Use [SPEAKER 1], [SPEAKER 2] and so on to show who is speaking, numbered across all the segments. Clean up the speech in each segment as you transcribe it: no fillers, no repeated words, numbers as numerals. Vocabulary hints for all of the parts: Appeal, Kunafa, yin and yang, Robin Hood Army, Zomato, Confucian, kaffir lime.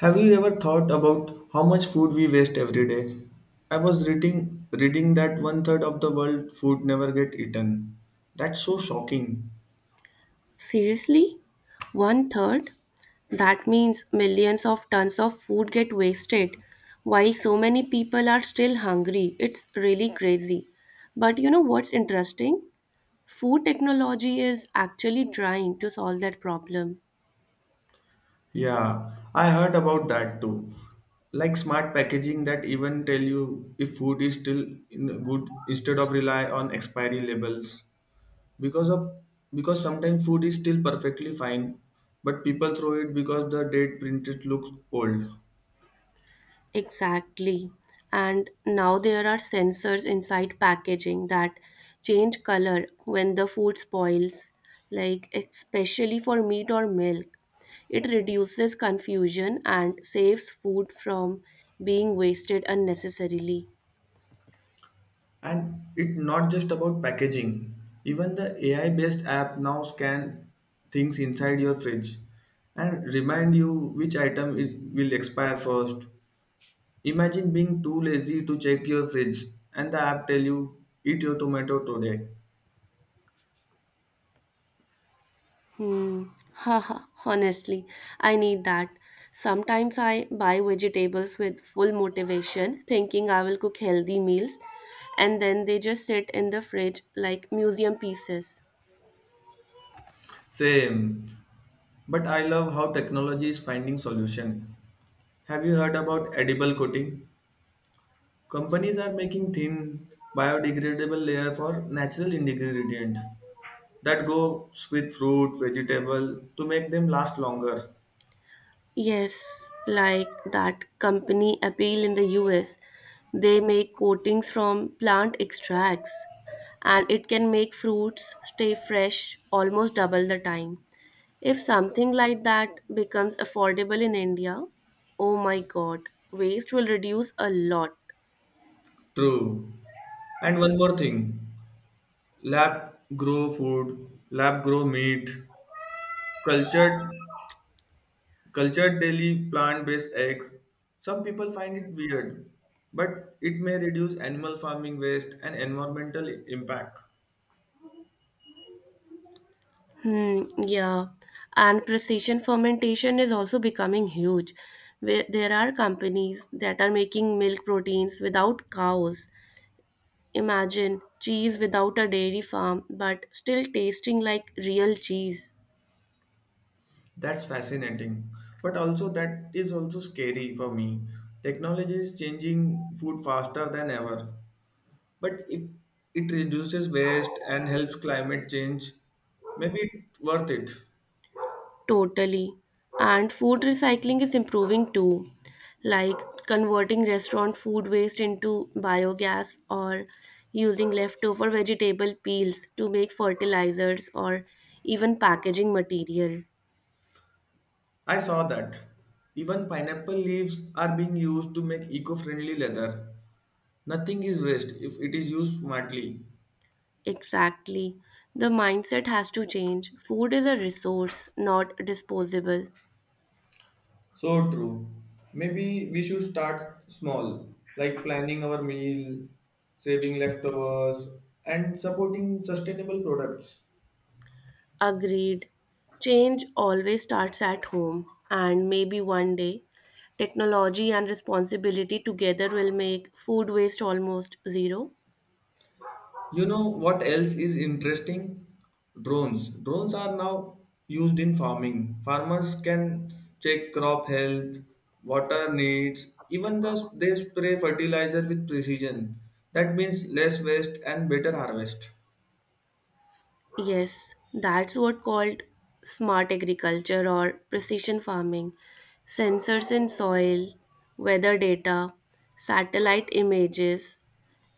[SPEAKER 1] Have you ever thought about how much food we waste every day? I was reading that one third of the world food never get eaten. That's so shocking.
[SPEAKER 2] Seriously? One third? That means millions of tons of food get wasted while so many people are still hungry. It's really crazy. But you know what's interesting? Food technology is actually trying to solve that problem.
[SPEAKER 1] Yeah, I heard about that too. Like smart packaging that even tell you if food is still in good instead of rely on expiry labels. Because of because sometimes food is still perfectly fine, but people throw it because the date printed looks old.
[SPEAKER 2] Exactly. And now there are sensors inside packaging that change color when the food spoils, like especially for meat or milk. It reduces confusion and saves food from being wasted unnecessarily.
[SPEAKER 1] And it's not just about packaging. Even the AI based app now scan things inside your fridge and remind you which item it will expire first. Imagine being too lazy to check your fridge and the app tell you eat your tomato today.
[SPEAKER 2] Hmm. Haha. Honestly, I need that. Sometimes I buy vegetables with full motivation, thinking I will cook healthy meals, and then they just sit in the fridge like museum pieces.
[SPEAKER 1] Same. But I love how technology is finding solution. Have you heard about edible coating? Companies are making thin biodegradable layer for natural ingredient that goes with fruit, vegetable to make them last longer.
[SPEAKER 2] Yes, like that company Appeal in the US. They make coatings from plant extracts, and it can make fruits stay fresh almost double the time. If something like that becomes affordable in India, oh my god, waste will reduce a lot.
[SPEAKER 1] True. And one more thing, lab grow food, lab grow meat, cultured cultured daily plant-based eggs. Some people find it weird, but it may reduce animal farming waste and environmental impact.
[SPEAKER 2] Hmm, yeah. And precision fermentation is also becoming huge. Where there are companies that are making milk proteins without cows. Imagine cheese without a dairy farm, but still tasting like real cheese.
[SPEAKER 1] That's fascinating, but also that is also scary for me. Technology is changing food faster than ever. But if it reduces waste and helps climate change, maybe it's worth it.
[SPEAKER 2] Totally. And food recycling is improving too, like converting restaurant food waste into biogas or using leftover vegetable peels to make fertilizers or even packaging material.
[SPEAKER 1] I saw that. Even pineapple leaves are being used to make eco friendly leather. Nothing is waste if it is used smartly.
[SPEAKER 2] Exactly. The mindset has to change. Food is a resource, not disposable.
[SPEAKER 1] So true. Maybe we should start small, like planning our meal, saving leftovers, and supporting sustainable products.
[SPEAKER 2] Agreed. Change always starts at home, and maybe one day, technology and responsibility together will make food waste almost zero.
[SPEAKER 1] You know what else is interesting? Drones. Drones are now used in farming. Farmers can check crop health, water needs, they spray fertilizer with precision. That means less waste and better harvest.
[SPEAKER 2] Yes, that's what called smart agriculture or precision farming. Sensors in soil, weather data, satellite images,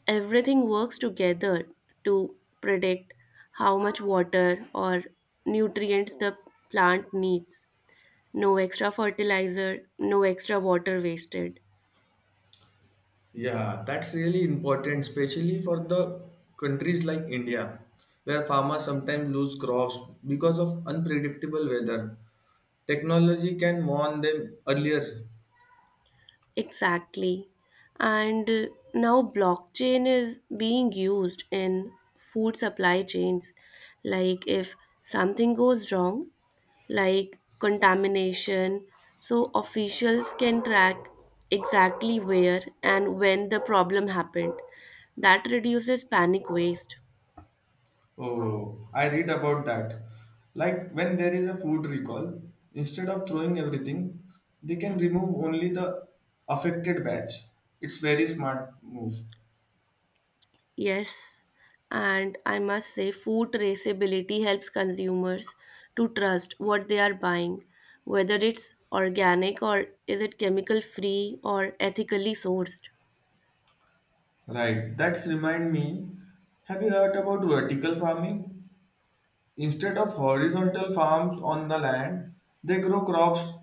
[SPEAKER 2] everything works together to predict how much water or nutrients the plant needs. No extra fertilizer, no extra water wasted.
[SPEAKER 1] Yeah, that's really important, especially for the countries like India, where farmers sometimes lose crops because of unpredictable weather. Technology can warn them earlier.
[SPEAKER 2] Exactly. And now blockchain is being used in food supply chains. Like if something goes wrong, like contamination, so officials can track exactly where and when the problem happened. That reduces panic waste.
[SPEAKER 1] Oh, I read about that. Like when there is a food recall, instead of throwing everything, they can remove only the affected batch. It's very smart move.
[SPEAKER 2] Yes, and I must say, food traceability helps consumers to trust what they are buying, whether it's organic or is it chemical free or ethically sourced.
[SPEAKER 1] Right. That's remind me. Have you heard about vertical farming? Instead of horizontal farms on the land, they grow crops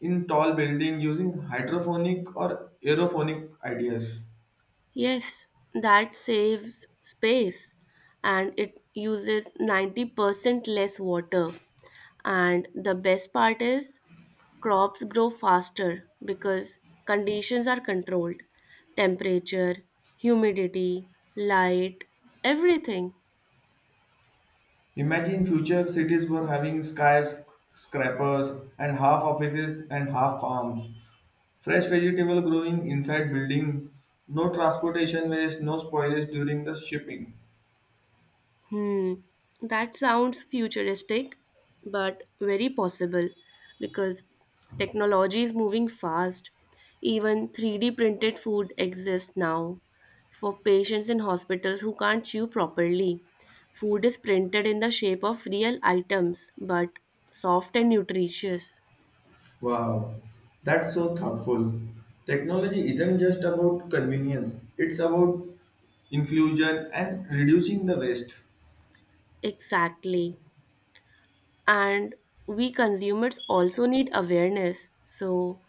[SPEAKER 1] in tall building using hydroponic or aeroponic ideas.
[SPEAKER 2] Yes, that saves space and it uses 90% less water. And the best part is crops grow faster because conditions are controlled temperature, humidity, light, everything.
[SPEAKER 1] Imagine future cities were having skyscrapers and half offices and half farms. Fresh vegetable growing inside building. No transportation waste, no spoilage during the shipping.
[SPEAKER 2] Hmm, that sounds futuristic, but very possible because technology is moving fast. Even 3D printed food exists now for patients in hospitals who can't chew properly. Food is printed in the shape of real items, but soft and nutritious.
[SPEAKER 1] Wow, that's so thoughtful. Technology isn't just about convenience, it's about inclusion and reducing the waste.
[SPEAKER 2] Exactly. And we consumers also need awareness. So,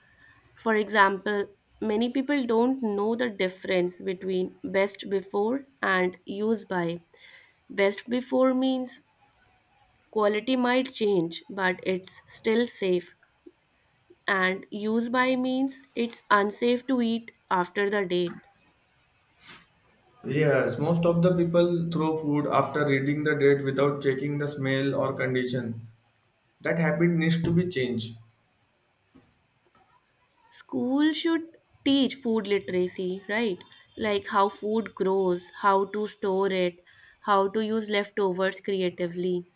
[SPEAKER 2] for example, many people don't know the difference between best before and use by. Best before means quality might change, but it's still safe, and use by means it's unsafe to eat after the date.
[SPEAKER 1] Yes, most of the people throw food after reading the date without checking the smell or condition. That habit needs to be changed.
[SPEAKER 2] School should teach food literacy, right? Like how food grows, how to store it, how to use leftovers creatively.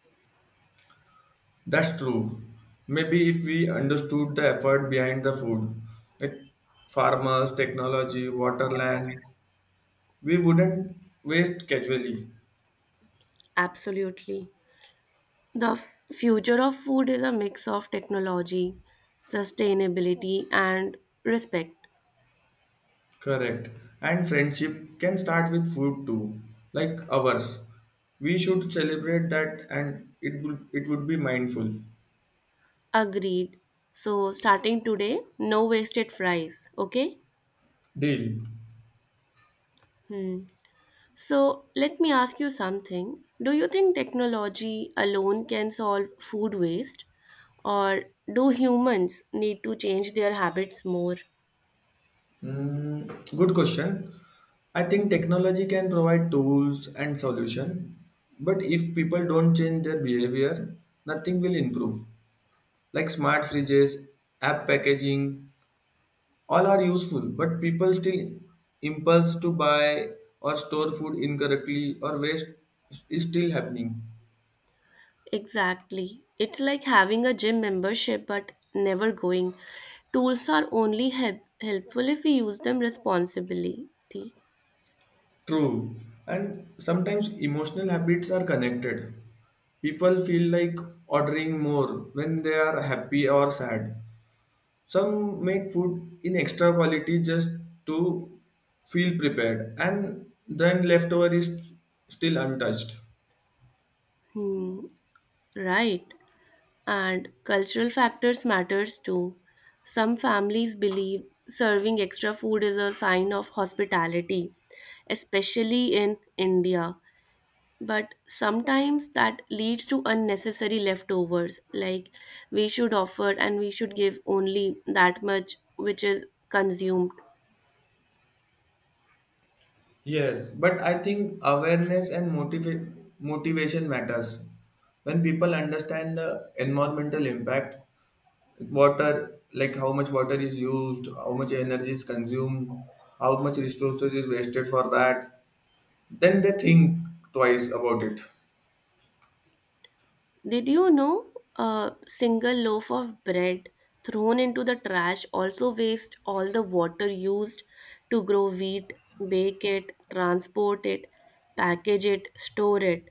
[SPEAKER 1] That's true. Maybe if we understood the effort behind the food, like farmers, technology, water, land, we wouldn't waste casually.
[SPEAKER 2] Absolutely. The future of food is a mix of technology, sustainability, and respect.
[SPEAKER 1] Correct. And friendship can start with food too, like ours. We should celebrate that and it would be mindful.
[SPEAKER 2] Agreed. So, starting today, no wasted fries, okay?
[SPEAKER 1] Deal.
[SPEAKER 2] Hmm. So, let me ask you something. Do you think technology alone can solve food waste, or do humans need to change their habits more?
[SPEAKER 1] Mm, good question. I think technology can provide tools and solution, but if people don't change their behavior, nothing will improve. Like smart fridges, app packaging, all are useful, but people still impulse to buy or store food incorrectly or waste is still happening.
[SPEAKER 2] Exactly. It's like having a gym membership but never going. Tools are only helpful if we use them responsibly.
[SPEAKER 1] True. And sometimes emotional habits are connected. People feel like ordering more when they are happy or sad. Some make food in extra quality just to feel prepared, and then leftover is still untouched.
[SPEAKER 2] Hmm. Right. And cultural factors matters too. Some families believe serving extra food is a sign of hospitality, especially in India. But sometimes that leads to unnecessary leftovers like we should offer and we should give only that much which is consumed.
[SPEAKER 1] Yes, but I think awareness and motivation matters. When people understand the environmental impact, water, like how much water is used, how much energy is consumed, how much resources is wasted for that, then they think twice about it.
[SPEAKER 2] Did you know a single loaf of bread thrown into the trash also wastes all the water used to grow wheat, bake it, transport it, package it, store it?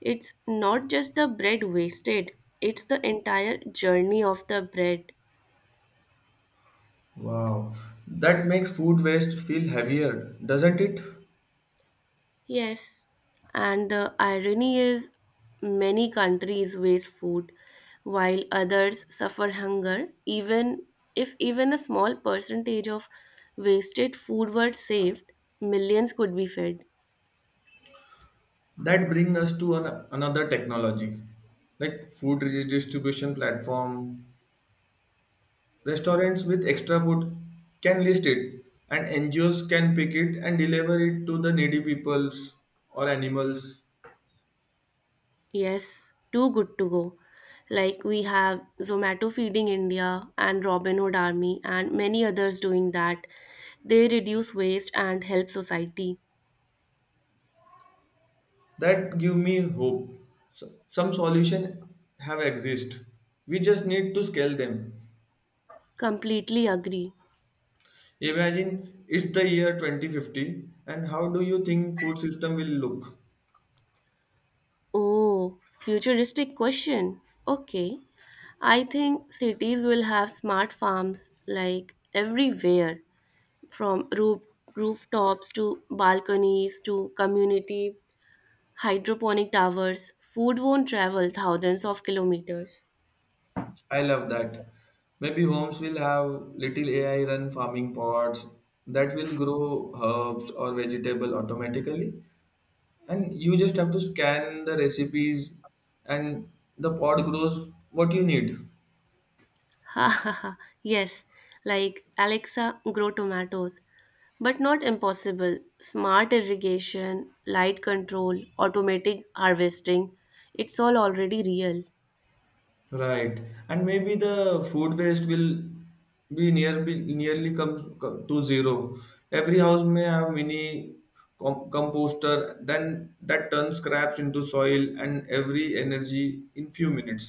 [SPEAKER 2] It's not just the bread wasted, it's the entire journey of the bread.
[SPEAKER 1] Wow, that makes food waste feel heavier, doesn't it?
[SPEAKER 2] Yes, and the irony is many countries waste food while others suffer hunger. Even if even a small percentage of wasted food were saved, millions could be fed.
[SPEAKER 1] That brings us to another technology, like food redistribution platform. Restaurants with extra food can list it, and NGOs can pick it and deliver it to the needy peoples or animals.
[SPEAKER 2] Yes, too good to go. Like we have Zomato feeding India and Robin Hood Army and many others doing that. They reduce waste and help society.
[SPEAKER 1] That give me hope. So- Some solution have exist. We just need to scale them.
[SPEAKER 2] Completely agree.
[SPEAKER 1] Imagine it's the year 2050, and how do you think food system will look?
[SPEAKER 2] Oh, futuristic question. Okay. I think cities will have smart farms like everywhere from roof, rooftops to balconies to community hydroponic towers. Food won't travel thousands of kilometers.
[SPEAKER 1] I love that. Maybe homes will have little AI run farming pods that will grow herbs or vegetable automatically and you just have to scan the recipes and the pot grows what you need.
[SPEAKER 2] Ha ha ha. Yes, like Alexa, grow tomatoes. But not impossible. Smart irrigation, light control, automatic harvesting. It's all already real.
[SPEAKER 1] Right. And maybe the food waste will be nearly come to zero. Every house may have mini composter then that turns scraps into soil and every energy in few minutes.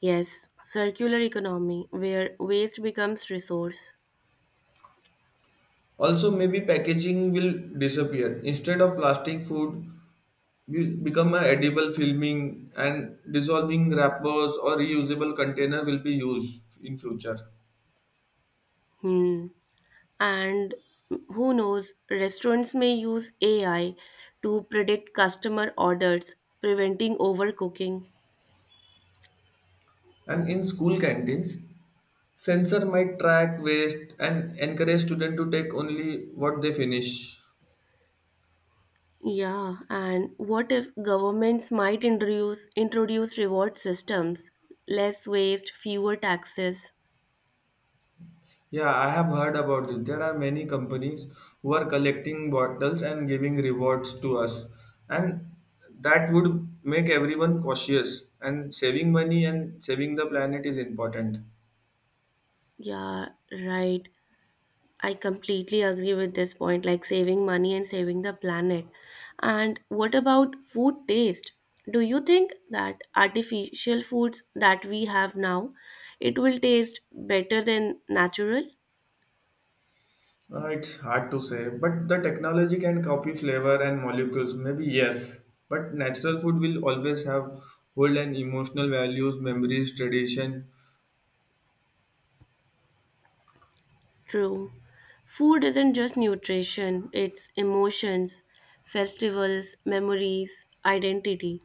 [SPEAKER 2] Yes, circular economy where waste becomes resource.
[SPEAKER 1] Also maybe packaging will disappear. Instead of plastic, food will become a edible filming and dissolving wrappers or reusable container will be used in future.
[SPEAKER 2] Hmm. And who knows, restaurants may use AI to predict customer orders, preventing overcooking.
[SPEAKER 1] And in school canteens sensor might track waste and encourage student to take only what they finish.
[SPEAKER 2] Yeah, and what if governments might introduce reward systems, less waste, fewer taxes?
[SPEAKER 1] Yeah, I have heard about this. There are many companies who are collecting bottles and giving rewards to us, and that would make everyone cautious, and saving money and saving the planet is important.
[SPEAKER 2] Yeah, right. I completely agree with this point, like saving money and saving the planet. And what about food taste? Do you think that artificial foods that we have now, it will taste better than natural?
[SPEAKER 1] It's hard to say, but the technology can copy flavor and molecules. Maybe yes, but natural food will always have hold and emotional values, memories, tradition.
[SPEAKER 2] True. Food isn't just nutrition, it's emotions, festivals, memories, identity.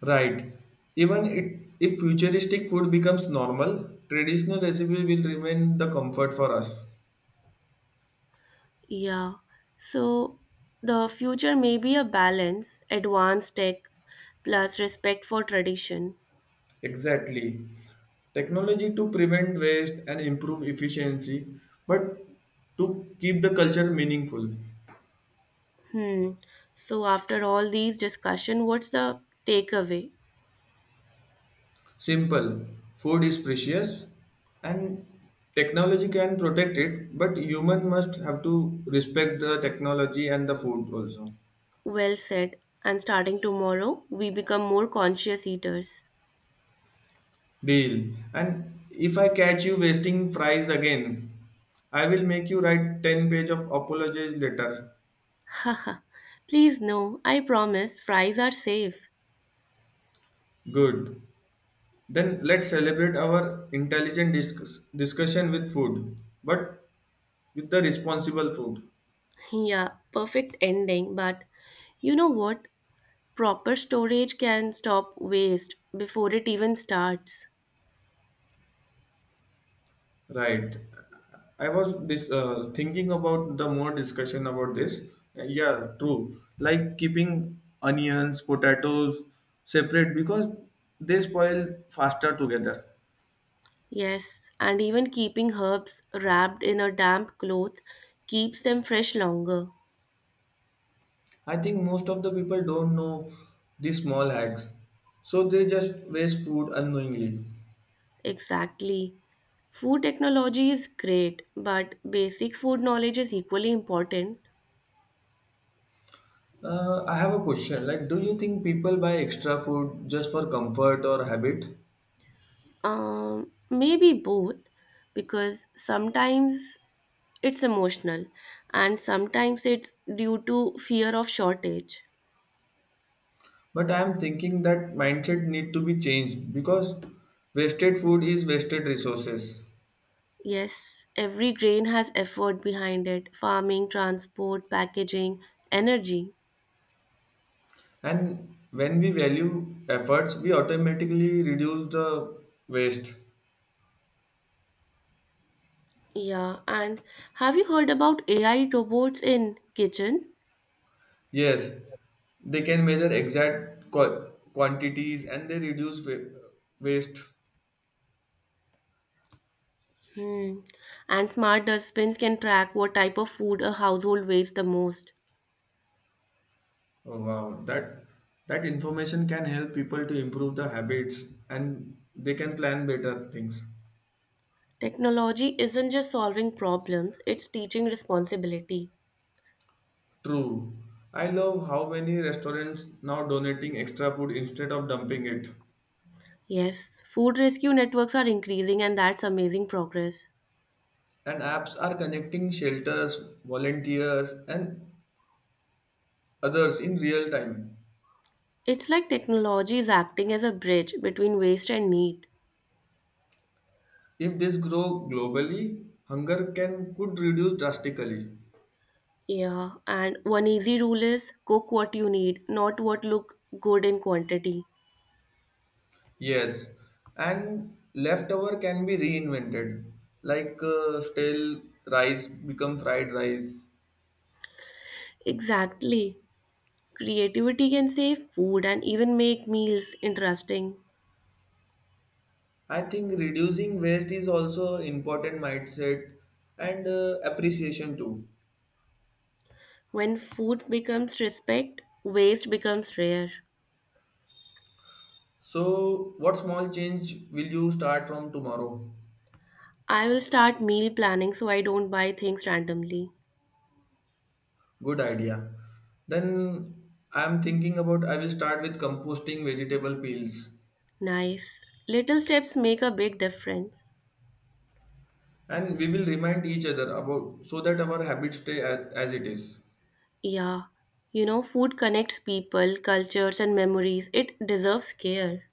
[SPEAKER 1] Right. If futuristic food becomes normal, traditional recipe will remain the comfort for us.
[SPEAKER 2] Yeah. So the future may be a balance, advanced tech plus respect for tradition.
[SPEAKER 1] Exactly. Technology to prevent waste and improve efficiency, but to keep the culture meaningful.
[SPEAKER 2] Hmm. So after all these discussion, what's the takeaway?
[SPEAKER 1] Simple. Food is precious and technology can protect it, but human must have to respect the technology and the food also.
[SPEAKER 2] Well said. And starting tomorrow, we become more conscious eaters.
[SPEAKER 1] Deal. And if I catch you wasting fries again, I will make you write 10 page of apologies letter.
[SPEAKER 2] Haha. Please no, I promise fries are safe.
[SPEAKER 1] Good. Then let's celebrate our intelligent discussion with food, but with the responsible food.
[SPEAKER 2] Yeah, perfect ending, but you know what? Proper storage can stop waste before it even starts.
[SPEAKER 1] Right. I was thinking about the more discussion about this. Yeah, true. Like keeping onions, potatoes separate because they spoil faster together.
[SPEAKER 2] Yes, and even keeping herbs wrapped in a damp cloth keeps them fresh longer.
[SPEAKER 1] I think most of the people don't know these small hacks, so they just waste food unknowingly.
[SPEAKER 2] Exactly. Food technology is great, but basic food knowledge is equally important.
[SPEAKER 1] I have a question. Like, do you think people buy extra food just for comfort or habit?
[SPEAKER 2] Maybe both, because sometimes it's emotional and sometimes it's due to fear of shortage.
[SPEAKER 1] But I am thinking that mindset need to be changed because wasted food is wasted resources.
[SPEAKER 2] Yes, every grain has effort behind it farming, transport, packaging, energy.
[SPEAKER 1] And when we value efforts, we automatically reduce the waste.
[SPEAKER 2] Yeah, and have you heard about AI robots in kitchen?
[SPEAKER 1] Yes, they can measure exact quantities and they reduce waste.
[SPEAKER 2] Hmm. And smart dustbins can track what type of food a household wastes the most.
[SPEAKER 1] Oh, wow, that information can help people to improve the habits and they can plan better things.
[SPEAKER 2] Technology isn't just solving problems, it's teaching responsibility.
[SPEAKER 1] True. I love how many restaurants now donating extra food instead of dumping it.
[SPEAKER 2] Yes, food rescue networks are increasing, and that's amazing progress.
[SPEAKER 1] And apps are connecting shelters, volunteers, and others in real time.
[SPEAKER 2] It's like technology is acting as a bridge between waste and need.
[SPEAKER 1] If this grow globally, hunger can could reduce drastically.
[SPEAKER 2] Yeah, and one easy rule is cook what you need, not what look good in quantity.
[SPEAKER 1] Yes, and leftover can be reinvented, like stale rice become fried rice.
[SPEAKER 2] Exactly. Creativity can save food and even make meals interesting.
[SPEAKER 1] I think reducing waste is also important mindset and appreciation too.
[SPEAKER 2] When food becomes respect, waste becomes rare.
[SPEAKER 1] So, what small change will you start from tomorrow?
[SPEAKER 2] I will start meal planning so I don't buy things randomly.
[SPEAKER 1] Good idea. Then I'm thinking about I will start with composting vegetable peels,
[SPEAKER 2] Nice. Little steps make a big difference.
[SPEAKER 1] and we will remind each other about so that our habits stay as it is.
[SPEAKER 2] Yeah. You know, food connects people, cultures, and memories. It deserves care.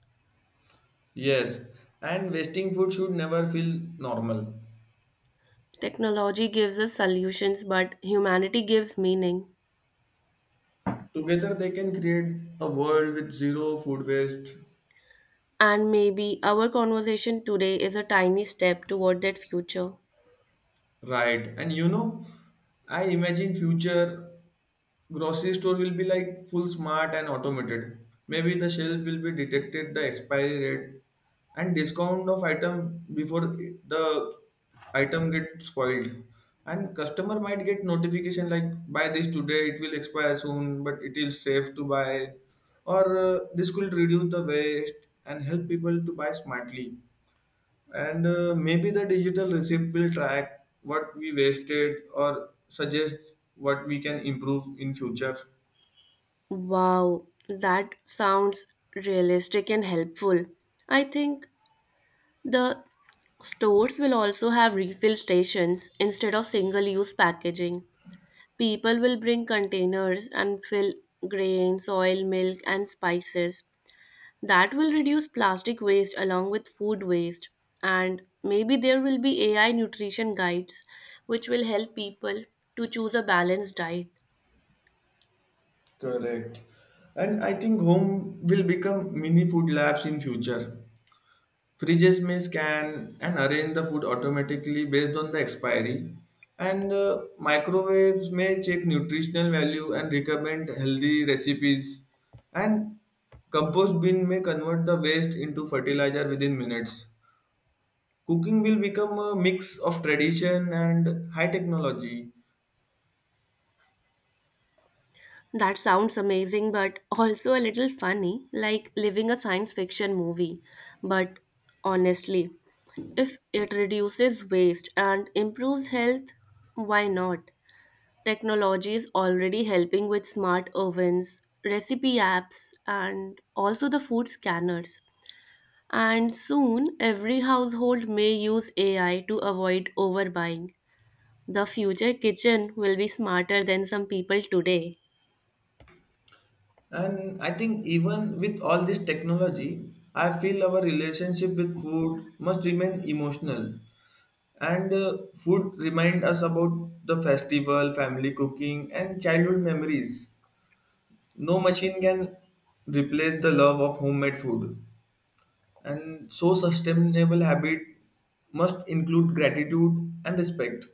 [SPEAKER 1] Yes, and wasting food should never feel normal.
[SPEAKER 2] Technology gives us solutions, but humanity gives meaning.
[SPEAKER 1] Together they can create a world with zero food waste,
[SPEAKER 2] And maybe our conversation today is a tiny step toward that future.
[SPEAKER 1] right? And you know, I imagine future grocery store will be like full smart and automated. Maybe the shelf will be detected the expiry date and discount of item before the item get spoiled. And customer might get notification like buy this today, it will expire soon, but it is safe to buy. Or this could reduce the waste and help people to buy smartly. And maybe the digital receipt will track what we wasted or suggest what we can improve in future.
[SPEAKER 2] Wow, that sounds realistic and helpful. I think the stores will also have refill stations instead of single use packaging. People will bring containers and fill grains, oil, milk, and spices. That will reduce plastic waste along with food waste. And maybe there will be AI nutrition guides which will help people to choose a balanced diet.
[SPEAKER 1] Correct. And I think home will become mini food labs in future. Fridges may scan and arrange the food automatically based on the expiry. And microwaves may check nutritional value and recommend healthy recipes. And compost bin may convert the waste into fertilizer within minutes. Cooking will become a mix of tradition and high technology.
[SPEAKER 2] That sounds amazing, but also a little funny, like living a science fiction movie. But honestly, if it reduces waste and improves health, why not? Technology is already helping with smart ovens, recipe apps, and also the food scanners. And soon, every household may use AI to avoid overbuying. The future kitchen will be smarter than some people today.
[SPEAKER 1] And I think even with all this technology, I feel our relationship with food must remain emotional. And food remind us about the festival, family cooking, and childhood memories. No machine can replace the love of homemade food. And so sustainable habit must include gratitude and respect.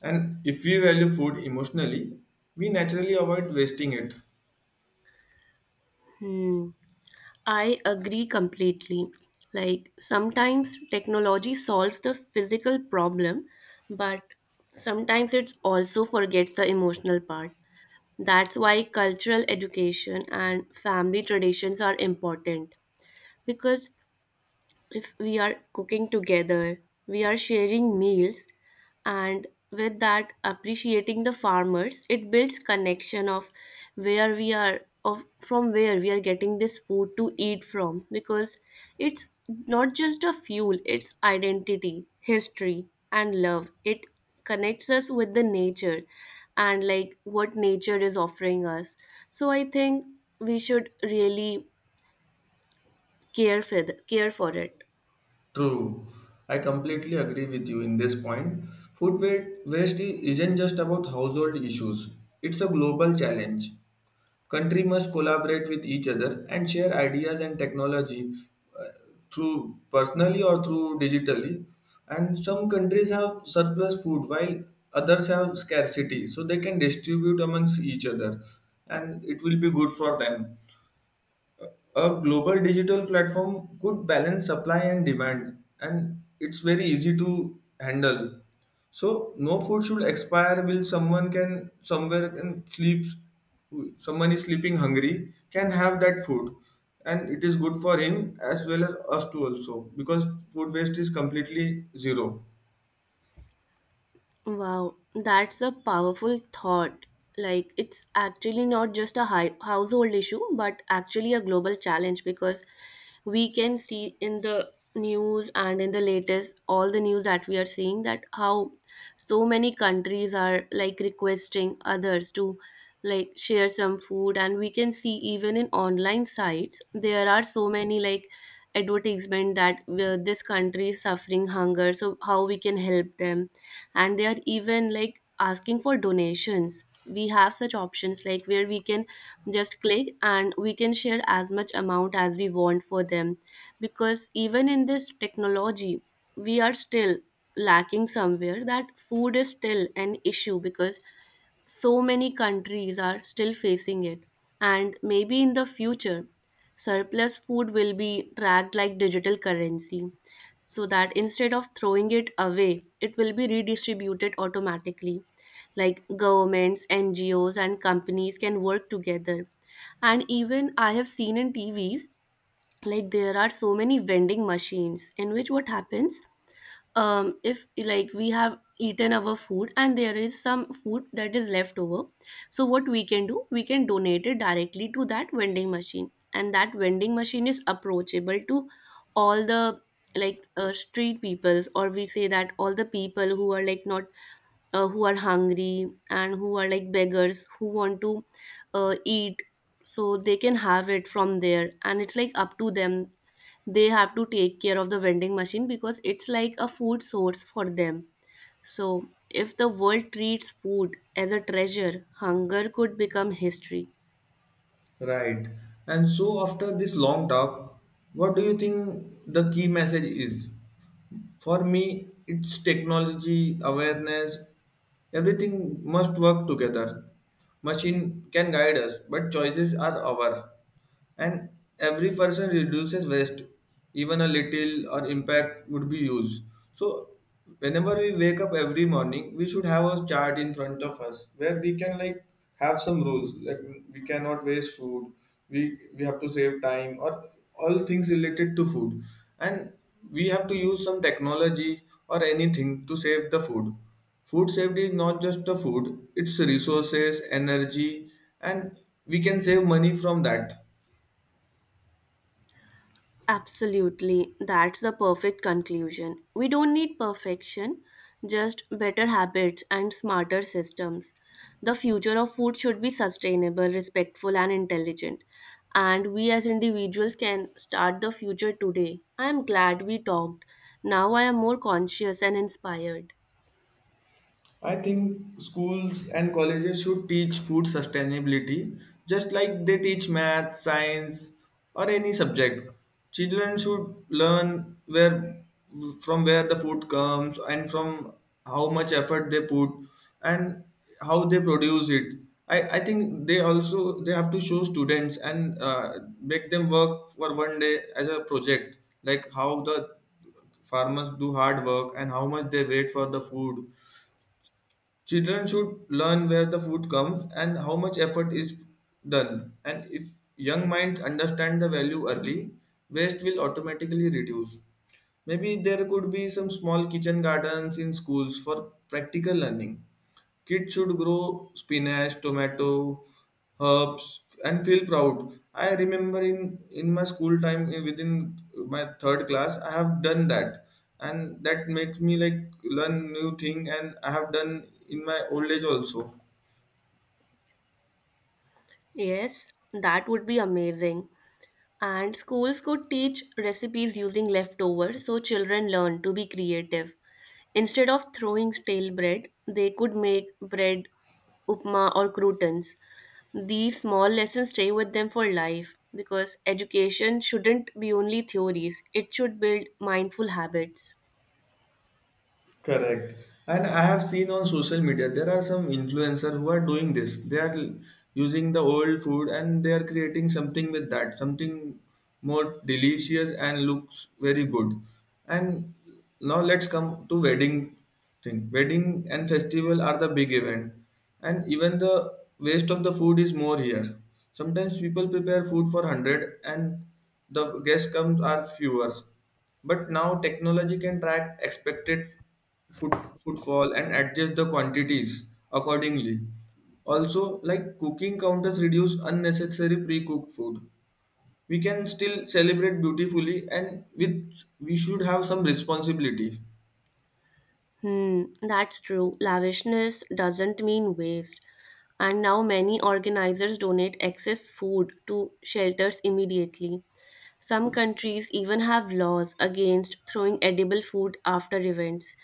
[SPEAKER 1] And if we value food emotionally, we naturally avoid wasting it.
[SPEAKER 2] Hmm. I agree completely. Like sometimes technology solves the physical problem, but sometimes it also forgets the emotional part. That's why cultural education and family traditions are important because if we are cooking together, we are sharing meals, and with that, appreciating the farmers, it builds connection of where we are of from where we are getting this food to eat from because it's not just a fuel, it's identity, history, and love. It connects us with the nature and like what nature is offering us. So I think we should really care for the, care for it.
[SPEAKER 1] True. I completely agree with you in this point. Food wa- isn't just about household issues, it's a global challenge. Country must collaborate with each other and share ideas and technology uh, through personally or through digitally. And some countries have surplus food while others have scarcity, so they can distribute amongst each other and it will be good for them. A global digital platform could balance supply and demand and it's very easy to handle, so no food should expire will someone can somewhere can sleep, someone is sleeping hungry can have that food, and it is good for him as well as us too also because food waste is completely zero.
[SPEAKER 2] Wow, that's a powerful thought. Like, it's actually not just a high household issue, but actually a global challenge because we can see in the news and in the latest, all the news that we are seeing that how so many countries are like requesting others to like share some food. And we can see even in online sites, there are so many like advertisement that this country is suffering hunger, so how we can help them and they are even like asking for donations we have such options like where we can just click and we can share as much amount as we want for them because even in this technology we are still lacking somewhere that food is still an issue because so many countries are still facing it and maybe in the future surplus food will be tracked like digital currency so that instead of throwing it away it will be redistributed automatically like governments ngos and companies can work together and even I have seen in tvs like there are so many vending machines in which what happens if like we have eaten our food and there is some food that is left over so what we can do we can donate it directly to that vending machine and that vending machine is approachable to all the like street peoples or we say that all the people who are like not who are hungry and who are like beggars who want to eat so they can have it from there and it's like up to them they have to take care of the vending machine because it's like a food source for them. So, if the world treats food as a treasure, hunger could become history.
[SPEAKER 1] Right. And so after this long talk, what do you think the key message is? For me, it's technology, awareness, everything must work together. Machine can guide us, but choices are our. And every person reduces waste, even a little or impact would be used. So whenever we wake up every morning, we should have a chart in front of us where we can like have some rules. Like we cannot waste food. We we have to save time or all things related to food, and we have to use some technology or anything to save the food. Food safety is not just the food; it's resources, energy, and we can save money from that.
[SPEAKER 2] Absolutely, that's the perfect conclusion. We don't need perfection, just better habits and smarter systems. The future of food should be sustainable, respectful, and intelligent. And we as individuals can start the future today. I am glad we talked. Now I am more conscious and inspired.
[SPEAKER 1] I think schools and colleges should teach food sustainability just like they teach math, science, or any subject. Children should learn where from where the food comes and from how much effort they put and how they produce it. I think they have to show students and make them work for one day as a project like how the farmers do hard work and how much they wait for the food. Children should learn where the food comes and how much effort is done. And if young minds understand the value early, waste will automatically reduce. Maybe there could be some small kitchen gardens in schools for practical learning. Kids should grow spinach, tomato, herbs, and feel proud. I remember in my school time, within my third class, I have done that, and that makes me like learn new thing. And I have done in my old age also.
[SPEAKER 2] Yes, that would be amazing. And schools could teach recipes using leftovers so children learn to be creative. Instead of throwing stale bread, they could make bread, upma, or croutons. These small lessons stay with them for life because education shouldn't be only theories, it should build mindful habits.
[SPEAKER 1] Correct. And I have seen on social media there are some influencer who are doing this. They are using the old food and they are creating something with that, something more delicious and looks very good. And now let's come to wedding thing. Wedding and festival are the big event. And even the waste of the food is more here. Sometimes people prepare food for 100 and the guests comes are fewer but now technology can track expected footfall and adjust the quantities accordingly. Also, like cooking counters reduce unnecessary pre-cooked food. We can still celebrate beautifully and with we should have some responsibility.
[SPEAKER 2] Hmm, that's true. Lavishness doesn't mean waste. And now many organizers donate excess food to shelters immediately. Some countries even have laws against throwing edible food after events.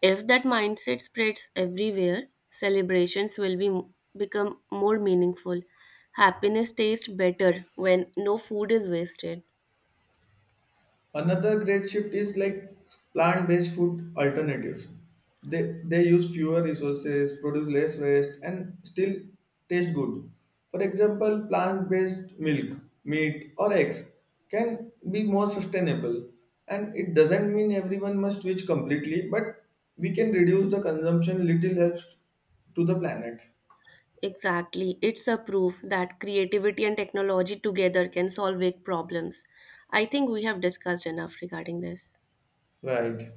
[SPEAKER 2] If that mindset spreads everywhere, celebrations will be become more meaningful. Happiness tastes better when no food is wasted.
[SPEAKER 1] Another great shift is like plant-based food alternatives. They use fewer resources, produce less waste, and still taste good. For example, plant-based milk, meat, or eggs can be more sustainable. And it doesn't mean everyone must switch completely, but we can reduce the consumption. Little helps to the planet.
[SPEAKER 2] Exactly. It's a proof that creativity and technology together can solve big problems. I think we have discussed enough regarding this.
[SPEAKER 1] Right.